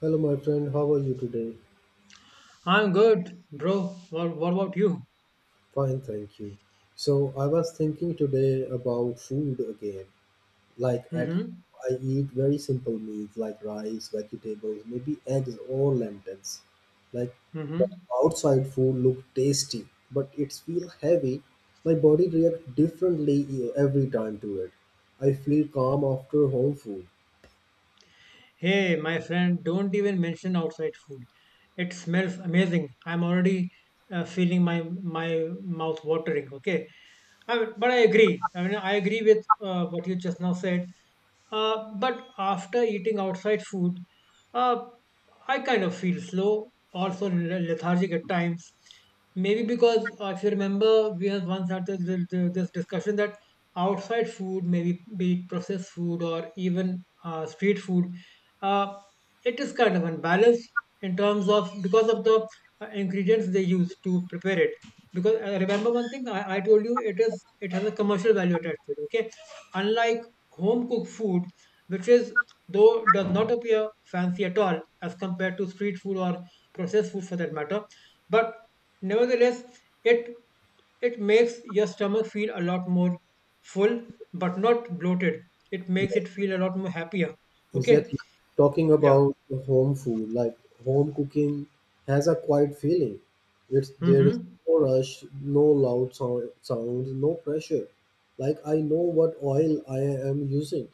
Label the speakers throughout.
Speaker 1: Hello, my friend. How are you today?
Speaker 2: I'm good, bro. What about you?
Speaker 1: Fine, thank you. So, I was thinking today about food again. Like, at home,
Speaker 2: Mm-hmm.
Speaker 1: I eat very simple meals like rice, vegetables, maybe eggs or lentils. Like, but
Speaker 2: Mm-hmm.
Speaker 1: outside food look tasty, but it feel heavy. My body react differently every time to it. I feel calm after home food.
Speaker 2: Hey, my friend, don't even mention outside food. It smells amazing. I'm already feeling my mouth watering. Okay, I mean, but I agree. I mean, I agree with what you just now said. But after eating outside food, uh, I kind of feel slow, also lethargic at times. Maybe because if you remember, we have once had this discussion that outside food, maybe be it processed food or even street food, uh, it is kind of unbalanced in terms of because of the ingredients they use to prepare it because remember one thing I told you it is it has a commercial value attached to it, okay, unlike home cooked food which is though does not appear fancy at all as compared to street food or processed food for that matter, but nevertheless it makes your stomach feel a lot more full but not bloated. It makes it feel a lot more happier, okay?
Speaker 1: Exactly. Talking
Speaker 2: Yeah.
Speaker 1: about the home food, like home cooking has a quiet feeling. It's there is
Speaker 2: Mm-hmm.
Speaker 1: no rush, no loud sounds, no pressure. Like I know what oil I am using.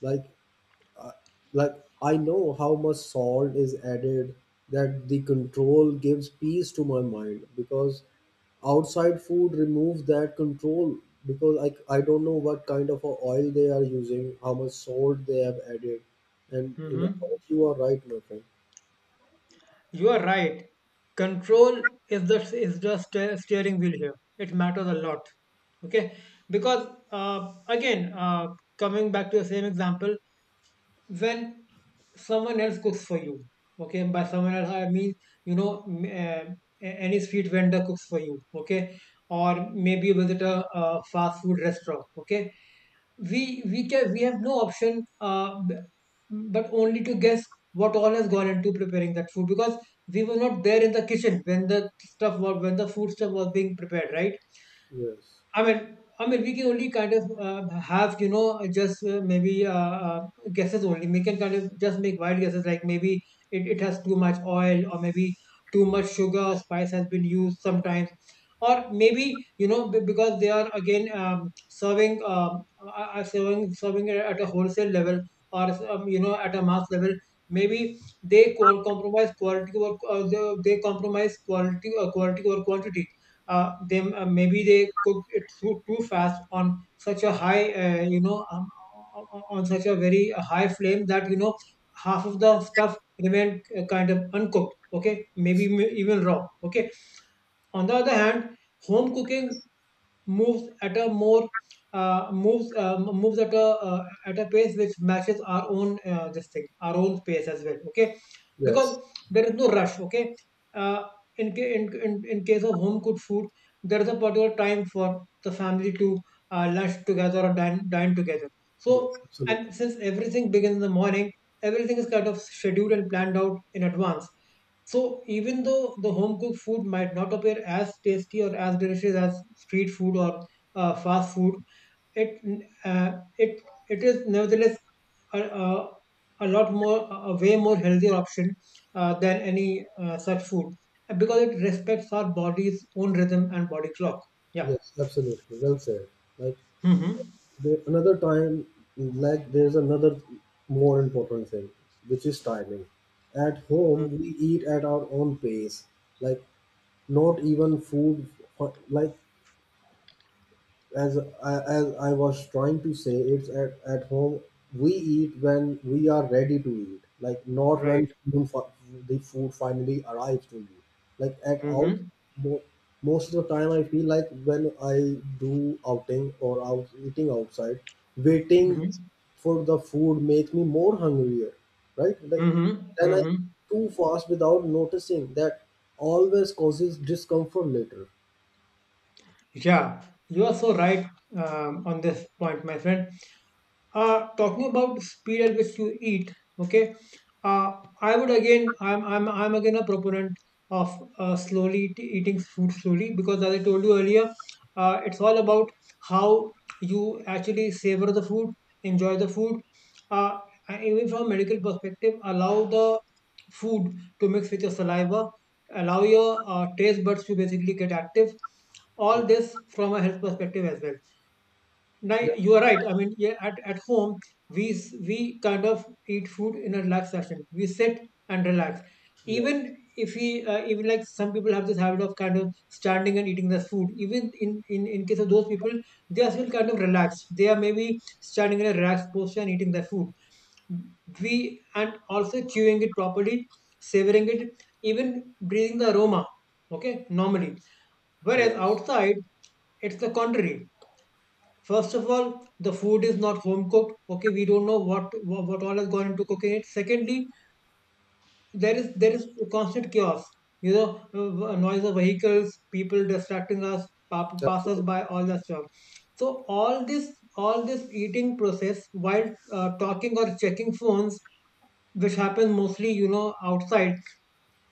Speaker 1: Like uh, like I know how much salt is added, that the control gives peace to my mind because outside food removes that control because I don't know what kind of a oil they are using, how much salt they have added. And you know,
Speaker 2: Mm-hmm.
Speaker 1: you are right, my friend.
Speaker 2: You are right. Control is the steering wheel here. It matters a lot. Okay, because again, coming back to the same example, when someone else cooks for you, okay, and by someone else I mean, you know, a- any street vendor cooks for you, okay, or maybe you visit a fast food restaurant, okay, we have no option but only to guess what all has gone into preparing that food, because we were not there in the kitchen when the food stuff was being prepared, right?
Speaker 1: Yes.
Speaker 2: I mean, we can only kind of have, you know, just maybe guesses only. We can kind of just make wild guesses, like maybe it has too much oil, or maybe too much sugar or spice has been used sometimes, or maybe, you know, because they are again serving are serving serving it at a wholesale level or you know, at a mass level. Maybe they compromise quality over they compromise quality quality over quantity. They Maybe they cook it too fast on such a high you know, on such a very high flame that, you know, half of the stuff remain kind of uncooked, okay, maybe even raw, okay. On the other hand, home cooking moves at a more uh, moves uh, moves at a pace which matches our own this thing our own pace as well, okay,
Speaker 1: Yes.
Speaker 2: because there is no rush, okay. uh, in, in case of home cooked food there is a particular time for the family to lunch together or dine together.
Speaker 1: Yes,
Speaker 2: So,
Speaker 1: absolutely.
Speaker 2: and since everything begins in the morning, everything is kind of scheduled and planned out in advance. So even though the home cooked food might not appear as tasty or as delicious as street food or fast food, it uh, it it is nevertheless a, a, a lot more, a way more healthier option than any such food, because it respects our body's own rhythm and body clock. Yeah.
Speaker 1: Yes, absolutely, well said. Like,
Speaker 2: Mm-hmm.
Speaker 1: there, another time, like there's another more important thing, which is timing. At home, we eat at our own pace. Like not even food, like as as I was trying to say, it's at home we eat when we are ready to eat, like not when
Speaker 2: Right.
Speaker 1: the food finally arrives to you. Like
Speaker 2: Mm-hmm.
Speaker 1: mo- most of the time I feel like when I do outing or out eating outside, waiting
Speaker 2: Mm-hmm.
Speaker 1: for the food makes me more hungrier, right? Like
Speaker 2: Mm-hmm.
Speaker 1: then I eat
Speaker 2: Mm-hmm.
Speaker 1: too fast without noticing that always causes discomfort later.
Speaker 2: Yeah, you are so right on this point, my friend. Talking about speed at which you eat, okay, uh, I would again, I'm again a proponent of slowly eating food slowly, because, as I told you earlier, it's all about how you actually savor the food, enjoy the food. Uh, and even from a medical perspective, allow the food to mix with your saliva, allow your taste buds to basically get active. All this from a health perspective as well.
Speaker 1: Yes,
Speaker 2: You are right. I mean, yeah, at home, we kind of eat food in a relaxed fashion. We sit and relax.
Speaker 1: yes,
Speaker 2: Even if we, even like some people have this habit of kind of standing and eating the food. Even in case of those people, they are still kind of relaxed. They are maybe standing in a relaxed posture and eating the food. We and also chewing it properly, savoring it, even breathing the aroma. Okay, normally. Whereas
Speaker 1: yes.
Speaker 2: outside, it's the contrary. First of all, the food is not home cooked. Okay, we don't know what all has gone into cooking it. Secondly, there is constant chaos. You know, noise of vehicles, people distracting us, passers
Speaker 1: Absolutely.
Speaker 2: by, all that stuff. So all this eating process while talking or checking phones, which happens mostly, you know, outside,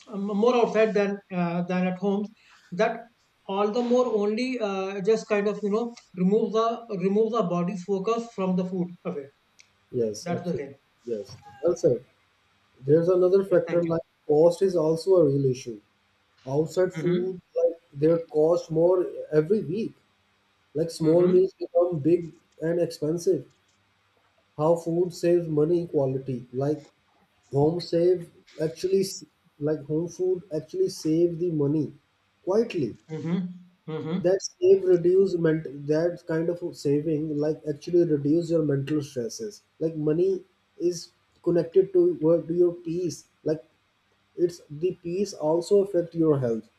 Speaker 2: more outside than at homes, that all the more only just kind of, you know, remove the body's focus from the food away.
Speaker 1: Yes,
Speaker 2: That's the
Speaker 1: absolutely.
Speaker 2: thing.
Speaker 1: Yes. Well said. There's another
Speaker 2: Yeah,
Speaker 1: factor
Speaker 2: thank
Speaker 1: like
Speaker 2: you.
Speaker 1: cost is also a real issue. Outside
Speaker 2: Mm-hmm.
Speaker 1: food, like their cost more every week. Like small
Speaker 2: Mm-hmm.
Speaker 1: meals become big and expensive. How food saves money equality. Like home save actually s- like home food actually save the money quietly.
Speaker 2: Mm-hmm. Mm-hmm.
Speaker 1: That save reduce ment, that kind of saving like actually reduce your mental stresses, like money is connected to your peace, like it's the peace also affect your health,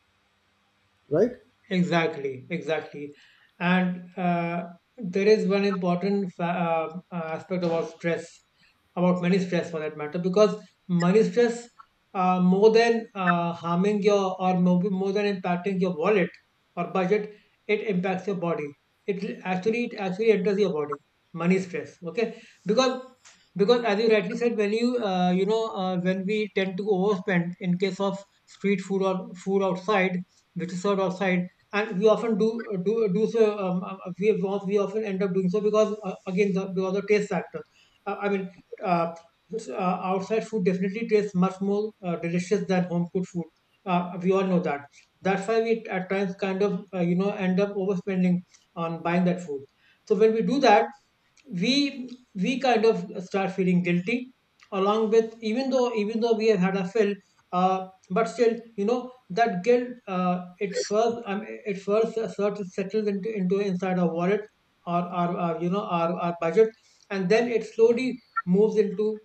Speaker 1: right?
Speaker 2: Exactly, exactly. And there is one important aspect about stress, about money stress for that matter, because money stress, more than harming your, or more than impacting your wallet or budget, it impacts your body. It actually enters your body. Money stress, okay? Because as you rightly said, when you you know, when we tend to overspend in case of street food or food outside, which is served outside, and we often do do so. We often end up doing so because, again the, because of the taste factor. Uh, I mean, uh, s- uh, Outside food definitely tastes much more delicious than home cooked food. We all know that. That's why we at times kind of you know, end up overspending on buying that food. So when we do that, we we kind of start feeling guilty along with, even though we have had a fill, uh, but still, you know, that guilt, it first sort of settles into inside our wallet or our, you know, our budget, and then it slowly moves into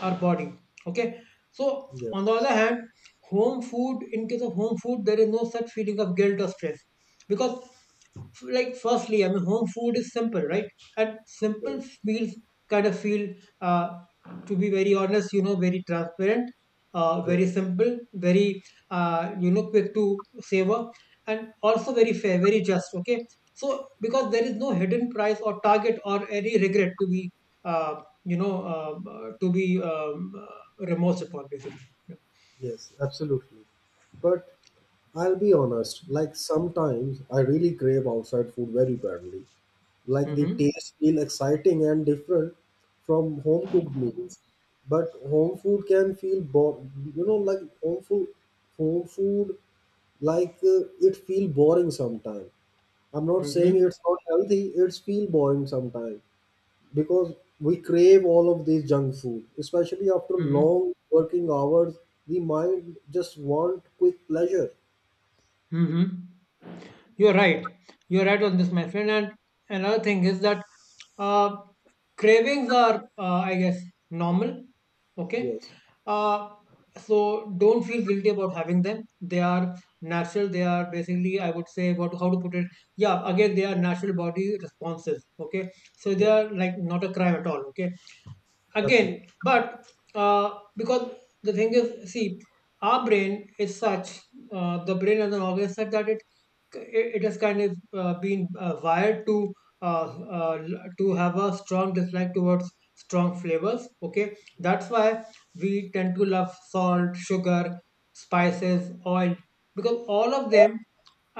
Speaker 2: our body, okay. So, on the
Speaker 1: Yes.
Speaker 2: other hand, home food, in case of home food, there is no such feeling of guilt or stress, because like firstly, I mean, home food is simple, right? And simple
Speaker 1: Yes.
Speaker 2: meals kind of feel, uh, to be very honest, you know, very transparent,
Speaker 1: Yes.
Speaker 2: very simple, very you know, quick to savor, and also very fair, very just, okay. So because there is no hidden price or target or any regret to be to be remorsed upon, basically.
Speaker 1: Yes, absolutely. But I'll be honest, like sometimes I really crave outside food very badly. Like the
Speaker 2: Mm-hmm.
Speaker 1: taste feel exciting and different from home cooked meals. But home food can feel you know, like home food home food, like it feel boring sometimes. I'm not saying
Speaker 2: Mm-hmm.
Speaker 1: it's not healthy, it's feel boring sometimes because we crave all of these junk food, especially after
Speaker 2: Mm-hmm.
Speaker 1: long working hours. The mind just want quick pleasure.
Speaker 2: Mm-hmm. You're right. You're right on this, my friend. And another thing is that uh, cravings are, I guess, normal. Okay.
Speaker 1: Yes.
Speaker 2: Uh, so don't feel guilty about having them. They are natural. They are basically, I would say, what, how to put it. Yeah, again, they are natural body responses. Okay. So they
Speaker 1: Yes,
Speaker 2: are like not a crime at all. Okay, again,
Speaker 1: absolutely.
Speaker 2: but uh, because the thing is, see, our brain is such, the brain as an organ is such that it it has kind of been wired to to have a strong dislike towards strong flavors, okay. That's why we tend to love salt, sugar, spices, oil, because all of them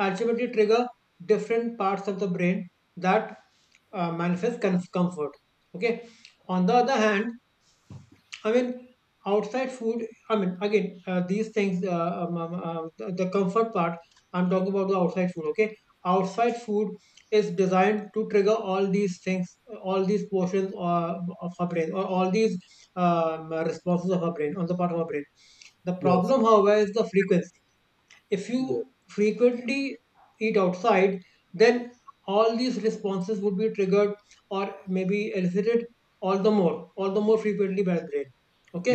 Speaker 2: ultimately trigger different parts of the brain that manifest comfort, okay. On the other hand, I mean, outside food, I mean, again these things, the comfort part, I'm talking about the outside food, okay. Outside food is designed to trigger all these things, all these portions of our brain, or all these responses of our brain, on the part of our brain. The
Speaker 1: Yes.
Speaker 2: problem, however, is the frequency. If
Speaker 1: Yes.
Speaker 2: you frequently eat outside, then all these responses would be triggered or maybe elicited all the more frequently by the brain.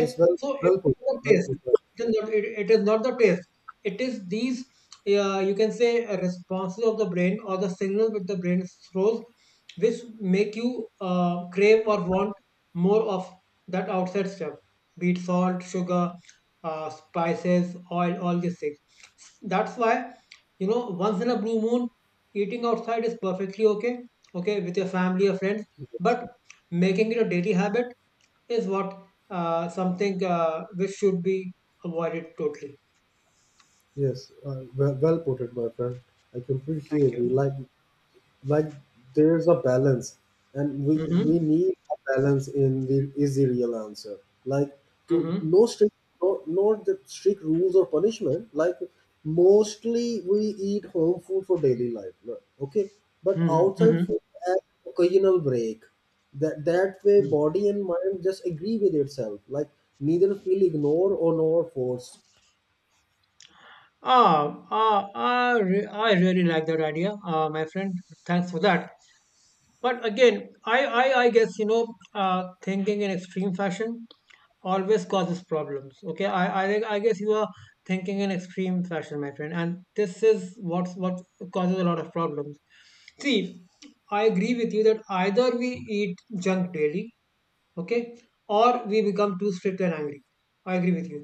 Speaker 1: Yes. well
Speaker 2: so it
Speaker 1: well put
Speaker 2: is not the
Speaker 1: well
Speaker 2: taste.
Speaker 1: put well
Speaker 2: It is not, it is not the taste. It is these, you can say, responses of the brain or the signals which the brain throws, which make you crave or want more of that outside stuff, be it salt, sugar, spices, oil, all these things. That's why, you know, once in a blue moon, eating outside is perfectly okay, okay, with your family or friends.
Speaker 1: put. Yes.
Speaker 2: But making it a daily habit is what something which should be avoided totally.
Speaker 1: Yes, well, well put it, my friend. I completely
Speaker 2: Thank
Speaker 1: agree.
Speaker 2: you.
Speaker 1: Like, there's a balance, and we
Speaker 2: Mm-hmm.
Speaker 1: need a balance in the is the real answer. Like, to
Speaker 2: Mm-hmm.
Speaker 1: no strict, no, not the strict rules or punishment. Like, mostly we eat home food for daily life. No- Okay, but
Speaker 2: Mm-hmm.
Speaker 1: outside
Speaker 2: Mm-hmm.
Speaker 1: food as occasional break. That that way, body and mind just agree with itself. Like, neither feel ignored or nor forced.
Speaker 2: Ah, ah, I really like that idea, my friend. Thanks for that. But again, I guess, you know, thinking in extreme fashion always causes problems. Okay, I guess you are thinking in extreme fashion, my friend, and this is what causes a lot of problems. See, I agree with you that either we eat junk daily, okay, or we become too strict and angry. I agree with you,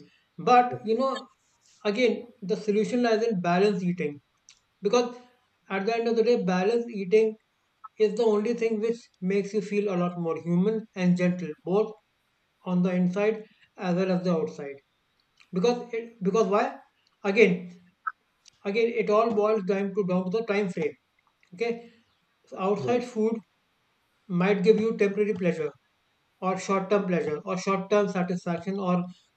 Speaker 2: but
Speaker 1: Okay.
Speaker 2: again, the solution lies in balanced eating, because at the end of the day balanced eating is the only thing which makes you feel a lot more human and gentle both on the inside as well as the outside. Because it, because why? Again, it all boils down to the time frame. Okay. So, outside
Speaker 1: Yes.
Speaker 2: food might give you temporary pleasure or short-term satisfaction, or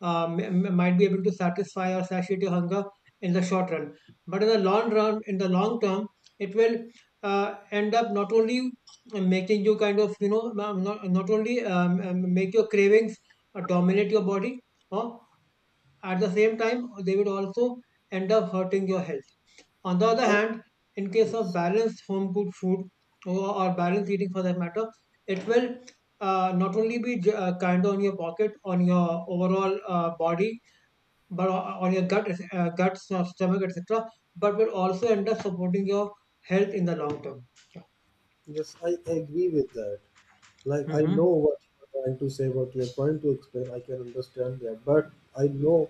Speaker 2: might be able to satisfy or satiate your hunger in the short run, but in the long run, in the long term, it will end up not only making you kind of, you know, not, not only make your cravings dominate your body, huh? At the same time, they will also end up hurting your health. On the other hand, in case of
Speaker 1: Yes,
Speaker 2: balanced home cooked food, or balanced eating for that matter, it will not only be kind on your pocket, on your overall body, but on your gut, guts, or stomach, etc., but will also end up supporting your health in the long term.
Speaker 1: yes, I agree with that. Like, I know
Speaker 2: Mm-hmm.
Speaker 1: what you're trying to say, what you're trying to explain. I can understand that, but I know,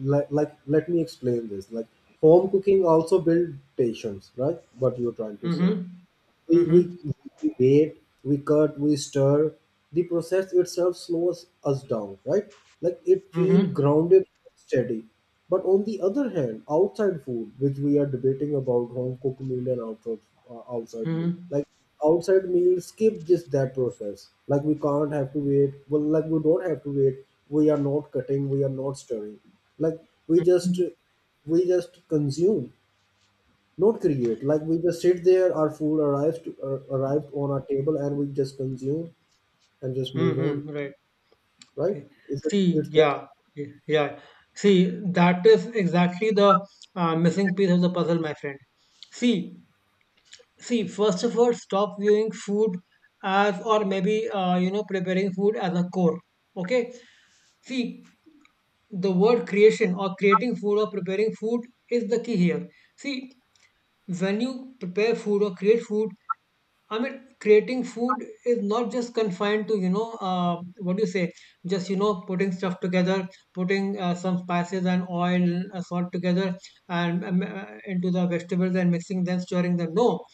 Speaker 1: let me explain this. Like, home cooking also build patience, right? What you're trying to say.
Speaker 2: Mm-hmm.
Speaker 1: we,
Speaker 2: Mm-hmm.
Speaker 1: we, we wait, we cut, we stir. The process itself slows us down, right? Like it feels
Speaker 2: Mm-hmm.
Speaker 1: grounded, steady. But on the other hand, outside food, which we are debating about home cooked meal and outside meal,
Speaker 2: Mm-hmm.
Speaker 1: like outside meal skip just that process. Like we can't have to wait. Well, like we don't have to wait. We are not cutting. We are not stirring. Like we just we just consume, not create, like we just sit there, our food arrives to arrived on our table, and we just consume and just move on,
Speaker 2: Mm-hmm. Right.
Speaker 1: right?
Speaker 2: Okay.
Speaker 1: Is it,
Speaker 2: See,
Speaker 1: it's that.
Speaker 2: yeah, yeah, yeah. See, that is exactly the missing piece of the puzzle, my friend. See, First of all, stop viewing food as, or maybe you know, preparing food as a core. Okay. See, the word creation or creating food or preparing food is the key here. See, when you prepare food or create food, I mean, creating food is not just confined to, you know, what do you say, just, you know, putting stuff together, putting some spices and oil, salt together and into the vegetables and mixing them, stirring them. No,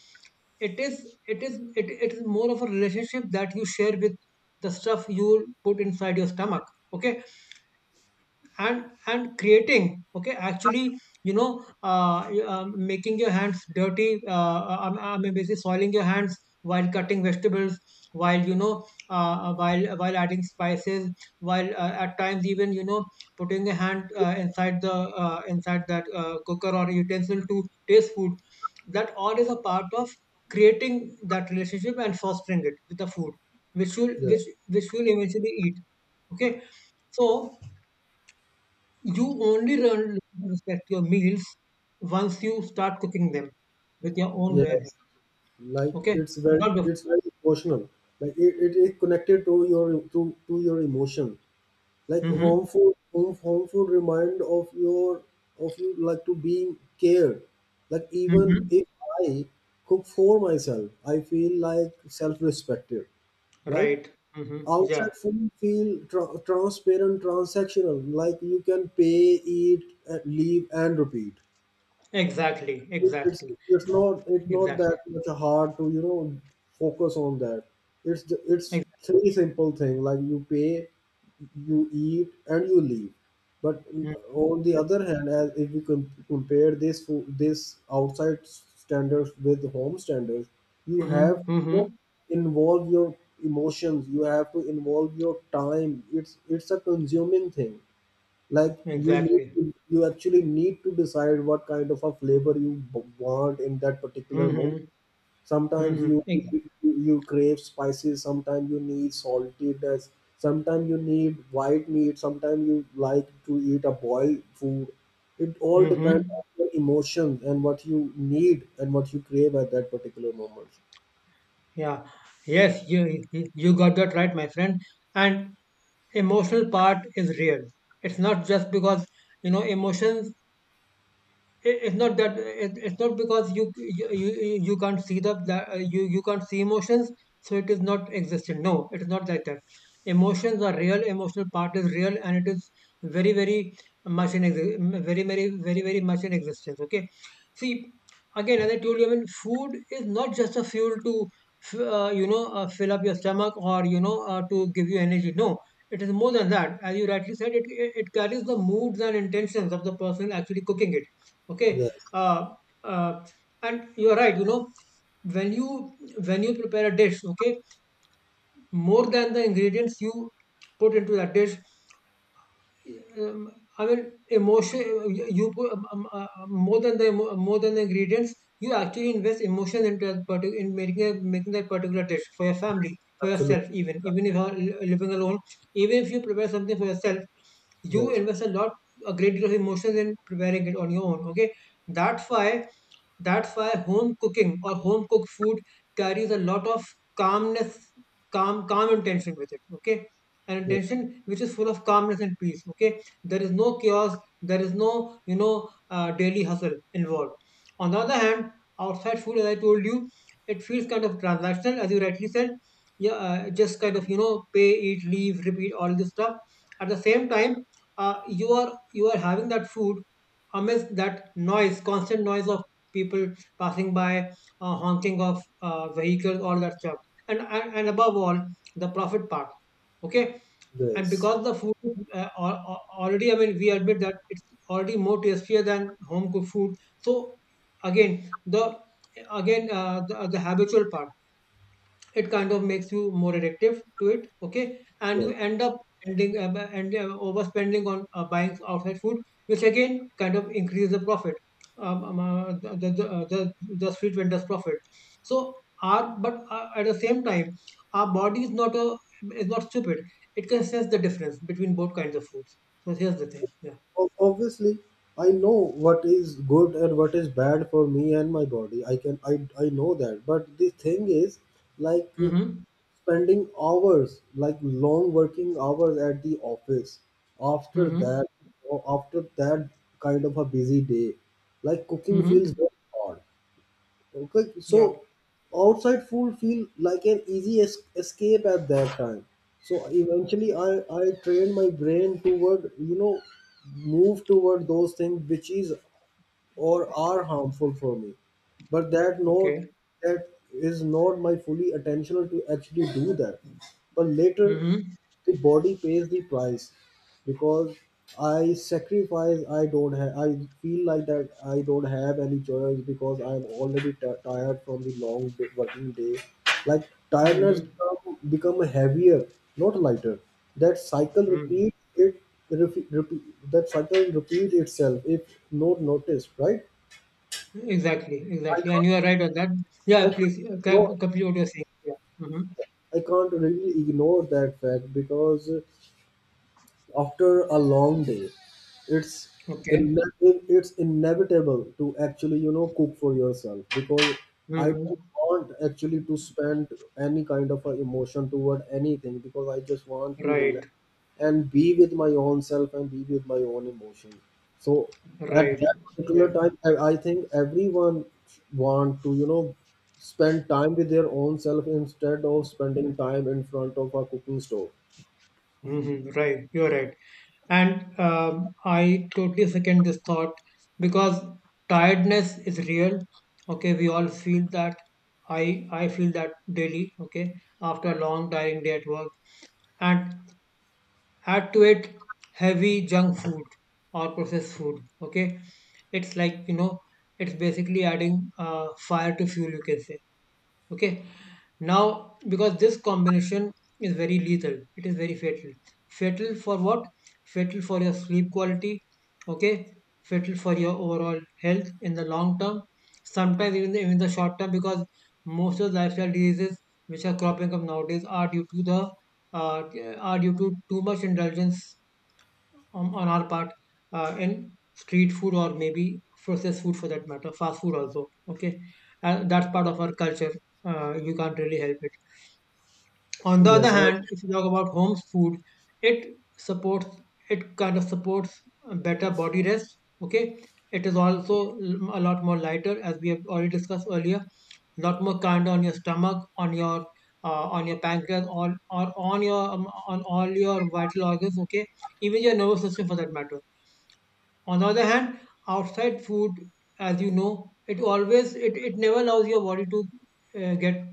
Speaker 2: it is more of a relationship that you share with the stuff you put inside your stomach. Okay, and creating, okay, actually, you know, making your hands dirty, maybe say soiling your hands while cutting vegetables, while you know, while adding spices, while at times even, you know, putting a hand, inside that cooker or utensil to taste food. That all is a part of creating that relationship and fostering it with the food, which will
Speaker 1: Yeah.
Speaker 2: which which will eventually eat. Okay, so you only learn to respect your meals once you start cooking them with your own bare
Speaker 1: Yes,
Speaker 2: hands.
Speaker 1: like
Speaker 2: Okay,
Speaker 1: it's very,
Speaker 2: not before.
Speaker 1: it's very emotional. Like it connected to your to your emotion. Like
Speaker 2: Hmm.
Speaker 1: home food remind of your of you, like to being cared. Like even
Speaker 2: Hmm.
Speaker 1: if I cook for myself, I feel like self-respected, right?
Speaker 2: Right. Hmm. Yeah.
Speaker 1: Outside food feel transparent, transactional. Like you can pay, eat, leave, and repeat.
Speaker 2: Exactly.
Speaker 1: it's
Speaker 2: Exactly.
Speaker 1: it's not it's not that
Speaker 2: Exactly.
Speaker 1: much hard to, you know, focus on that. It's it's
Speaker 2: Exactly.
Speaker 1: three simple thing: like you pay, you eat, and you leave. But on the other hand, as if you compare this outside standards with home standards, you have
Speaker 2: Mm-hmm.
Speaker 1: to
Speaker 2: Mm-hmm.
Speaker 1: involve your emotions. You have to involve your time. It's a consuming thing. Like you need
Speaker 2: Exactly.
Speaker 1: to, you actually need to decide what kind of a flavor you want in that particular moment.
Speaker 2: Hmm.
Speaker 1: Sometimes
Speaker 2: Hmm.
Speaker 1: you crave spices, sometimes you need saltiness, sometimes you need white meat, sometimes you like to eat a boiled food. It all depends
Speaker 2: Hmm.
Speaker 1: on your emotions and what you need and what you crave at that particular moment.
Speaker 2: Yeah. Yes, you got that right, my friend. And emotional part is real. It's not just because, you know, emotions, it's not that, it's not because you can't see the that, you can't see emotions, so it is not existent. No, it is not like that. Emotions are real, emotional part is real, and it is very, very much in very much in existence. Okay. See, again, as I told you, I mean, food is not just a fuel to you know, fill up your stomach, or you know, to give you energy. No, it is more than that. As you rightly said, it carries the moods and intentions of the person actually cooking it. okay
Speaker 1: Yes,
Speaker 2: uh, uh, and you are right, you know, when you when you prepare a dish, okay, more than the ingredients you put into that dish, um, I mean, emotion. You put more than the ingredients. You actually invest emotion into that particular in making a, making that particular dish for your family, for
Speaker 1: absolutely.
Speaker 2: yourself. Even if you're living alone, even if you prepare something for yourself, you
Speaker 1: Yes.
Speaker 2: invest a lot, a great deal of emotions in preparing it on your own. Okay, that's why, home cooking or home cooked food carries a lot of calmness, calm calm intention with it. Okay, an
Speaker 1: Yes.
Speaker 2: attention which is full of calmness and peace. Okay, there is no chaos, there is no, you know, daily hustle involved. On the other hand, outside food, as I told you, it feels kind of transactional, as you rightly said. Yeah, just kind of, you know, pay, eat, leave, repeat, all this stuff. At the same time, you are having that food amidst that noise, constant noise of people passing by, honking of vehicles, all that stuff, and above all, the profit part. Okay. And
Speaker 1: Yes.
Speaker 2: because the food is, already, I mean, we admit that it's already more tastier than home cooked food, so again, the again, the habitual part, it kind of makes you more addictive to it. Okay, and you
Speaker 1: Yes.
Speaker 2: end up ending and overspending on buying outside food, which again kind of increase the profit, um, um, uh, the, the, the, uh, the the street vendors profit. So, our but at the same time, our body is not a, is not stupid. It can sense the difference between both kinds of foods. So here's the thing. Yeah.
Speaker 1: Obviously I know what is good and what is bad for me and my body. I can i i know that. But the thing is, like
Speaker 2: Mm-hmm.
Speaker 1: spending hours like long working hours at the office, after
Speaker 2: Mm-hmm.
Speaker 1: that, or after that kind of a busy day, like cooking feels
Speaker 2: Mm-hmm.
Speaker 1: very hard. Okay,
Speaker 2: Yeah.
Speaker 1: so outside food feel like an easy escape at that time. So eventually, I trained my brain toward, you know, move toward those things which is or are harmful for me. But that not,
Speaker 2: Okay.
Speaker 1: that is not my fully attentional to actually do that. But later
Speaker 2: Mm-hmm.
Speaker 1: the body pays the price because I sacrifice. I don't have. I feel like that I don't have any choice because I'm already tired from the long day, working day. Like tiredness
Speaker 2: Mm-hmm.
Speaker 1: become heavier, not lighter. That cycle
Speaker 2: Mm-hmm.
Speaker 1: repeats it. That cycle repeats itself if not noticed, right?
Speaker 2: Exactly,
Speaker 1: I
Speaker 2: exactly. And
Speaker 1: can't.
Speaker 2: you are right on that.
Speaker 1: I
Speaker 2: Yeah,
Speaker 1: can't,
Speaker 2: please,
Speaker 1: no,
Speaker 2: complete what you're saying. Yeah. Mm-hmm.
Speaker 1: I can't really ignore that fact because after a long day, it's
Speaker 2: Okay.
Speaker 1: ine- it's inevitable to actually, you know, cook for yourself because I
Speaker 2: Mm-hmm.
Speaker 1: don't want actually to spend any kind of a emotion toward anything because I just want to
Speaker 2: Right,
Speaker 1: relax and be with my own self and be with my own emotions. So at
Speaker 2: right,
Speaker 1: that particular
Speaker 2: right.
Speaker 1: time, I think everyone want to, you know, spend time with their own self instead of spending time in front of a cooking stove.
Speaker 2: Mm-hmm. Right, you're right. And I totally second this thought, because tiredness is real. Okay, we all feel that. I feel that daily. Okay, after a long tiring day at work, and had to eat heavy junk food or processed food, okay, it's like, you know, it's basically adding fire to fuel, you can say. Okay, now, because this combination is very lethal, it is very fatal. Fatal for what? Fatal for your sleep quality. Okay, fatal for your overall health in the long term, sometimes even the short term, because most of the lifestyle diseases which are cropping up nowadays are due to the uh, are due to too much indulgence on our part, and street food, or maybe processed food for that matter, fast food also. Okay, that's part of our culture, you can't really help it. On the other
Speaker 1: Yes, I think
Speaker 2: hand, if you talk about home food, it supports, it kind of supports better body rest. Okay, it is also a lot more lighter, as we have already discussed earlier. Lot more kind on your stomach, on your pancreas, or on your on all your vital organs. Okay, even your nervous system for that matter. On the other hand, outside food, as you know, it always, it never allows your body to get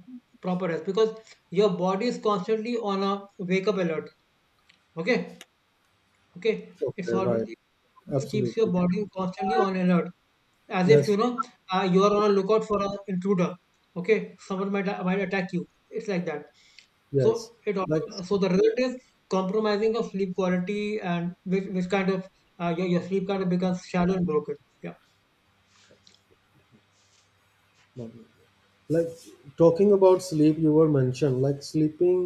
Speaker 2: proper rest, because your body is constantly on a wake up alert. Okay, okay,
Speaker 1: so,
Speaker 2: it's
Speaker 1: yeah,
Speaker 2: always
Speaker 1: right.
Speaker 2: it always keeps
Speaker 1: Absolutely.
Speaker 2: your body constantly on alert, as if,
Speaker 1: Yes.
Speaker 2: you know, you are on a lookout for an intruder. Okay, someone might, attack you. It's like that. So
Speaker 1: Yes.
Speaker 2: it
Speaker 1: Like,
Speaker 2: so the result is compromising of sleep quality, and which, kind of, your sleep kind of becomes shallow and broken. Yeah.
Speaker 1: no, no, like talking about sleep, you were mentioned like sleeping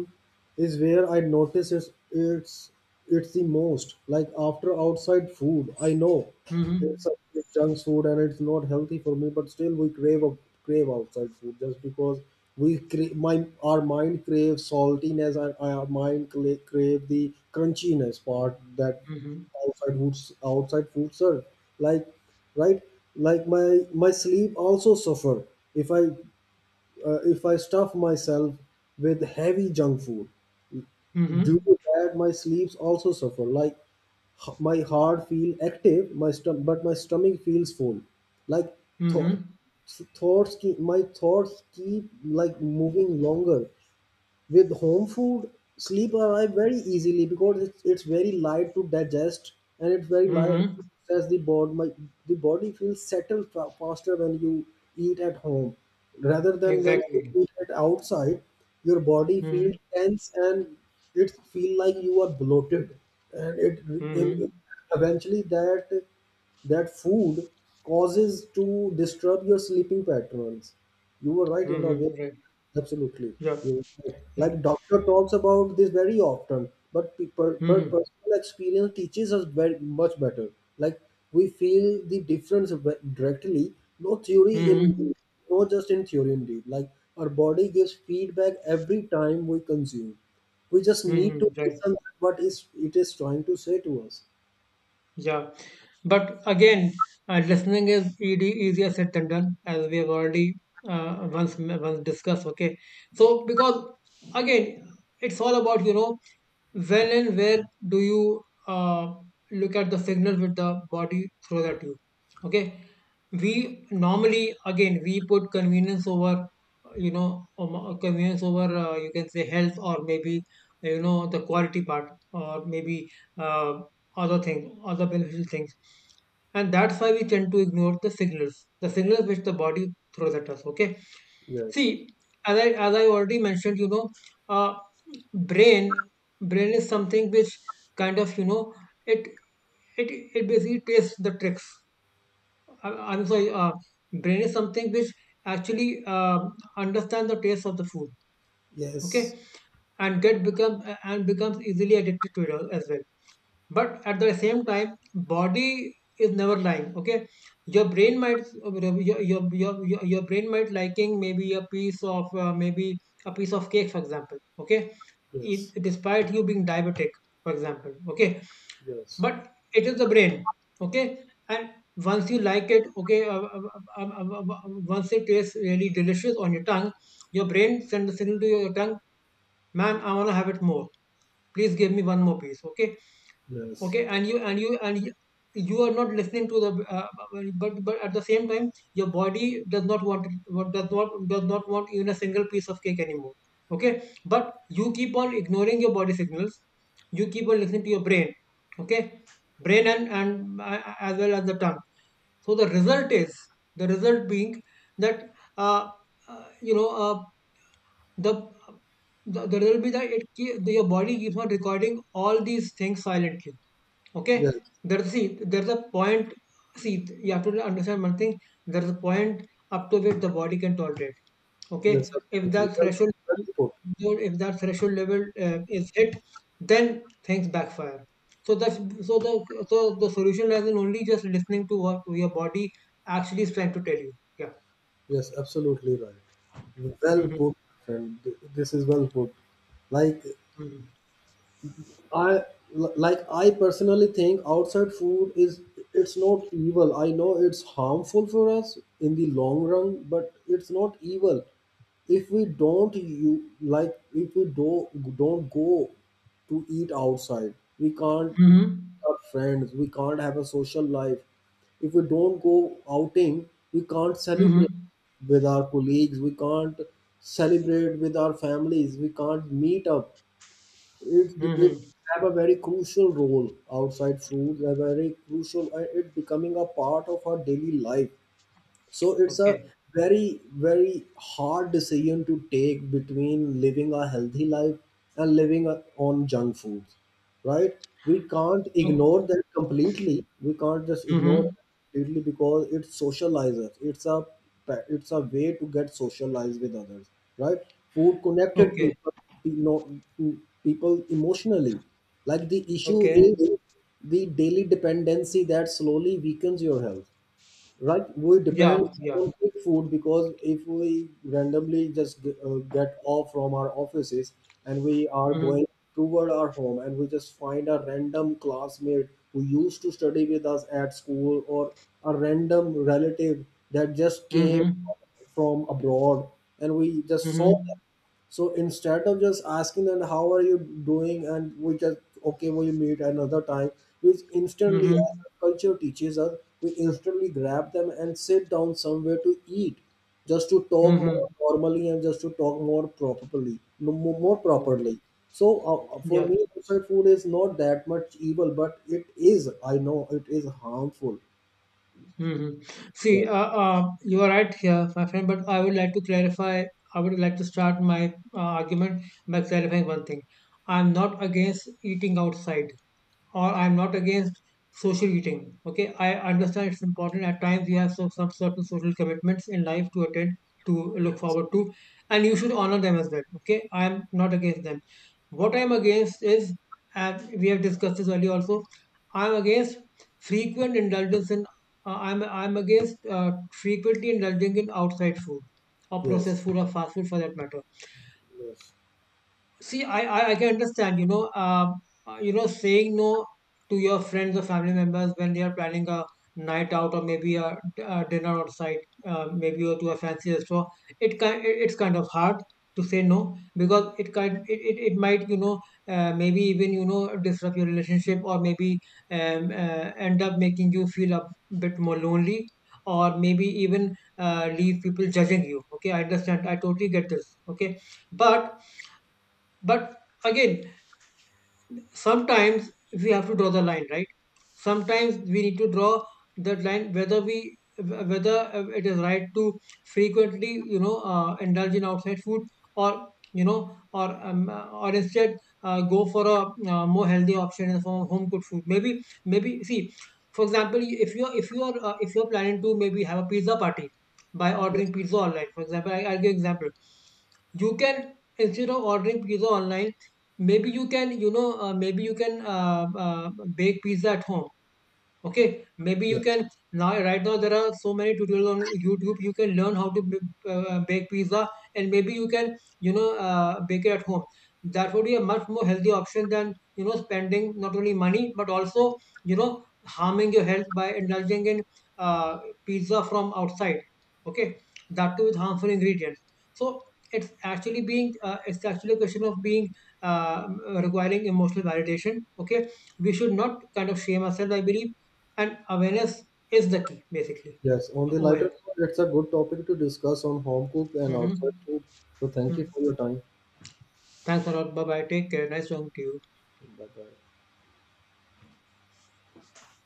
Speaker 1: is where I notice it's the most. Like after outside food, I know it's,
Speaker 2: Mhm.
Speaker 1: a, it's junk food and it's not healthy for me, but still we crave crave outside food just because my our mind craves saltiness and our mind crave the crunchiness part that
Speaker 2: Mhm.
Speaker 1: outside food serve, like, right? Like my sleep also suffer if i if I stuff myself with heavy junk food, due
Speaker 2: Mhm.
Speaker 1: to that my sleeps also suffer. Like my heart feel active, but my stomach feels full. Like
Speaker 2: Mhm.
Speaker 1: th- my thoughts keep like moving longer. With home food, sleep arrive very easily because it's very light to digest and it's very light.
Speaker 2: Mhm.
Speaker 1: As the body feels settled faster when you eat at home rather than when you
Speaker 2: Exactly.
Speaker 1: eat at outside. Your body feels
Speaker 2: Mhm.
Speaker 1: tense, and it feel like you are bloated, and it in in-
Speaker 2: Mhm.
Speaker 1: eventually that, that food causes to disturb your sleeping patterns. You were right in a way.
Speaker 2: Mhm. Right.
Speaker 1: Absolutely,
Speaker 2: Yeah.
Speaker 1: you're right.
Speaker 2: Yeah.
Speaker 1: Like doctor talks about this very often, but people, but
Speaker 2: Mhm.
Speaker 1: personal experience teaches us very much better. Like we feel the difference directly. No theory in,
Speaker 2: Mhm.
Speaker 1: no, just in theory indeed. Like our body gives feedback every time we consume. We just need to
Speaker 2: Mhm. Right.
Speaker 1: listen what is it is trying to say to us.
Speaker 2: Yeah. But again, listening is ed easier said than done, as we have already once, discussed. Okay. So because, again, it's all about, you know, when and where do you look at the signal with the body through the tube? Okay, we normally, again, we put convenience over, you know, convenience over, you can say, health, or maybe, you know, the quality part, or maybe uh, other thing, other beneficial things, and that's why we tend to ignore the signals, the signals which the body throws at us. Okay.
Speaker 1: Yes,
Speaker 2: See, as I already mentioned, you know, uh, brain, is something which kind of, you know, it it it basically takes the tricks. I'm sorry. Brain is something which actually understand the taste of the food,
Speaker 1: yes,
Speaker 2: okay, and get become and becomes easily addicted to it as well, but at the same time body is never lying. Okay, your brain might... Your brain might liking maybe a piece of maybe a piece of cake, for example. Okay, it,
Speaker 1: yes,
Speaker 2: despite you being diabetic, for example. Okay,
Speaker 1: yes,
Speaker 2: but it is the brain, okay. And once you like it, okay, once it tastes really delicious on your tongue, your brain sends a signal to your tongue: man, I want to have it more, please give me one more piece, okay.
Speaker 1: yes,
Speaker 2: Okay, and you are not listening to the but at the same time your body does not want even a single piece of cake anymore. Okay, but you keep on ignoring your body signals, you keep on listening to your brain, okay, brain and as well as the tongue. So the result is, the result being that, uh, uh, you know uh, the the result will be that your body keeps on recording all these things silently. Okay,
Speaker 1: yes,
Speaker 2: there's, see, there's a point. see, you have to understand one thing. There's a point up to which the body can tolerate. Okay,
Speaker 1: yes.
Speaker 2: if
Speaker 1: Absolutely.
Speaker 2: that
Speaker 1: Well-
Speaker 2: threshold,
Speaker 1: well put.
Speaker 2: if that threshold level is hit, then things backfire. So that's, so the solution lies in only just listening to what your body actually is trying to tell you. Yeah.
Speaker 1: Yes, absolutely right. Well
Speaker 2: Mhm.
Speaker 1: put, friend. This is well put. Like
Speaker 2: Mhm.
Speaker 1: I like I personally think outside food is, it's not evil. I know it's harmful for us in the long run, but it's not evil. If we don't, you like, if we do don't go to eat outside, we can't
Speaker 2: Mm-hmm.
Speaker 1: have friends, we can't have a social life. If we don't go outing, we can't celebrate
Speaker 2: Mm-hmm.
Speaker 1: with our colleagues, we can't celebrate with our families, we can't meet up, it
Speaker 2: Mm-hmm.
Speaker 1: have a very crucial role, outside food a very crucial, it becoming a part of our daily life. So it's a
Speaker 2: Okay.
Speaker 1: very, very hard decision to take between living a healthy life and living a- on junk foods, right? We can't
Speaker 2: O
Speaker 1: ignore that completely. We can't just ignore that
Speaker 2: Mhm.
Speaker 1: completely because it socializes. It's a it's a way to get socialized with others, right? Food connected
Speaker 2: Okay.
Speaker 1: people, you know, people emotionally. Like the issue
Speaker 2: Okay.
Speaker 1: is the daily dependency that slowly weakens your health, right? We depend
Speaker 2: Yeah, yeah.
Speaker 1: on quick food because if we randomly just get off from our offices and we are
Speaker 2: Mhm.
Speaker 1: going toward our home and we just find a random classmate who used to study with us at school or a random relative that just came
Speaker 2: Mhm.
Speaker 1: from abroad, and we just saw them.
Speaker 2: Mhm.
Speaker 1: So instead of just asking them how are you doing, and we just okay we meet another time, which instantly
Speaker 2: Mhm.
Speaker 1: our culture teaches us, we instantly grab them and sit down somewhere to eat, just to talk more
Speaker 2: Mhm.
Speaker 1: normally and just to talk more properly, more
Speaker 2: Mm.
Speaker 1: properly. So for
Speaker 2: Yeah.
Speaker 1: me, outside food is not that much evil, but it is, I know it is harmful.
Speaker 2: Mhm. See,
Speaker 1: Yes,
Speaker 2: you are right here, my friend, but I would like to clarify, I would like to start my argument by clarifying one thing. I'm not against eating outside, or I'm not against social eating. Okay, I understand it's important. At times you have some certain social commitments in life to attend, to look forward to, and you should honor them as well. Okay, I'm not against them. What I'm against is, and we have discussed this earlier also, I'm against frequent indulgence in. I'm against frequently indulging in outside food or processed
Speaker 1: yes,
Speaker 2: food or fast food for that matter.
Speaker 1: yes,
Speaker 2: See, I can understand, you know, saying no to your friends or family members when they are planning a night out, or maybe a dinner outside, maybe, or to a fancy restaurant. It's kind of hard to say no, because it kind, it might, you know, maybe even, you know, disrupt your relationship, or maybe end up making you feel a bit more lonely, or maybe even leave people judging you. Okay, I understand. I totally get this. Okay, but but again, sometimes we have to draw the line, right? Sometimes we need to draw that line, whether we whether it is right to frequently, you know, indulge in outside food, or, you know, or instead go for a more healthy option in the form of home cooked food. Maybe, maybe, see, for example, if you're planning to maybe have a pizza party by
Speaker 1: yes,
Speaker 2: ordering pizza online. For example, I'll give example. You can, instead of ordering pizza online, maybe you can, you know, maybe you can bake pizza at home. Okay, maybe you
Speaker 1: yes.
Speaker 2: can, now, right now, there are so many tutorials on YouTube. You can learn how to bake pizza, and maybe you can, you know, bake it at home. That would be a much more healthy option than, you know, spending not only money but also, you know, harming your health by indulging in uh, pizza from outside, okay, that too with harmful ingredients. So it's actually being it's actually a question of being uh, requiring emotional validation. Okay, we should not kind of shame ourselves, I believe, and awareness is the key, basically,
Speaker 1: Yes, on the
Speaker 2: over here.
Speaker 1: lighter note, it's a good topic to discuss on home cook and
Speaker 2: Hmm.
Speaker 1: outside food. So thank you for your time.
Speaker 2: Thanks a lot. Bye bye. Take care. Nice talking to you.
Speaker 1: Bye bye.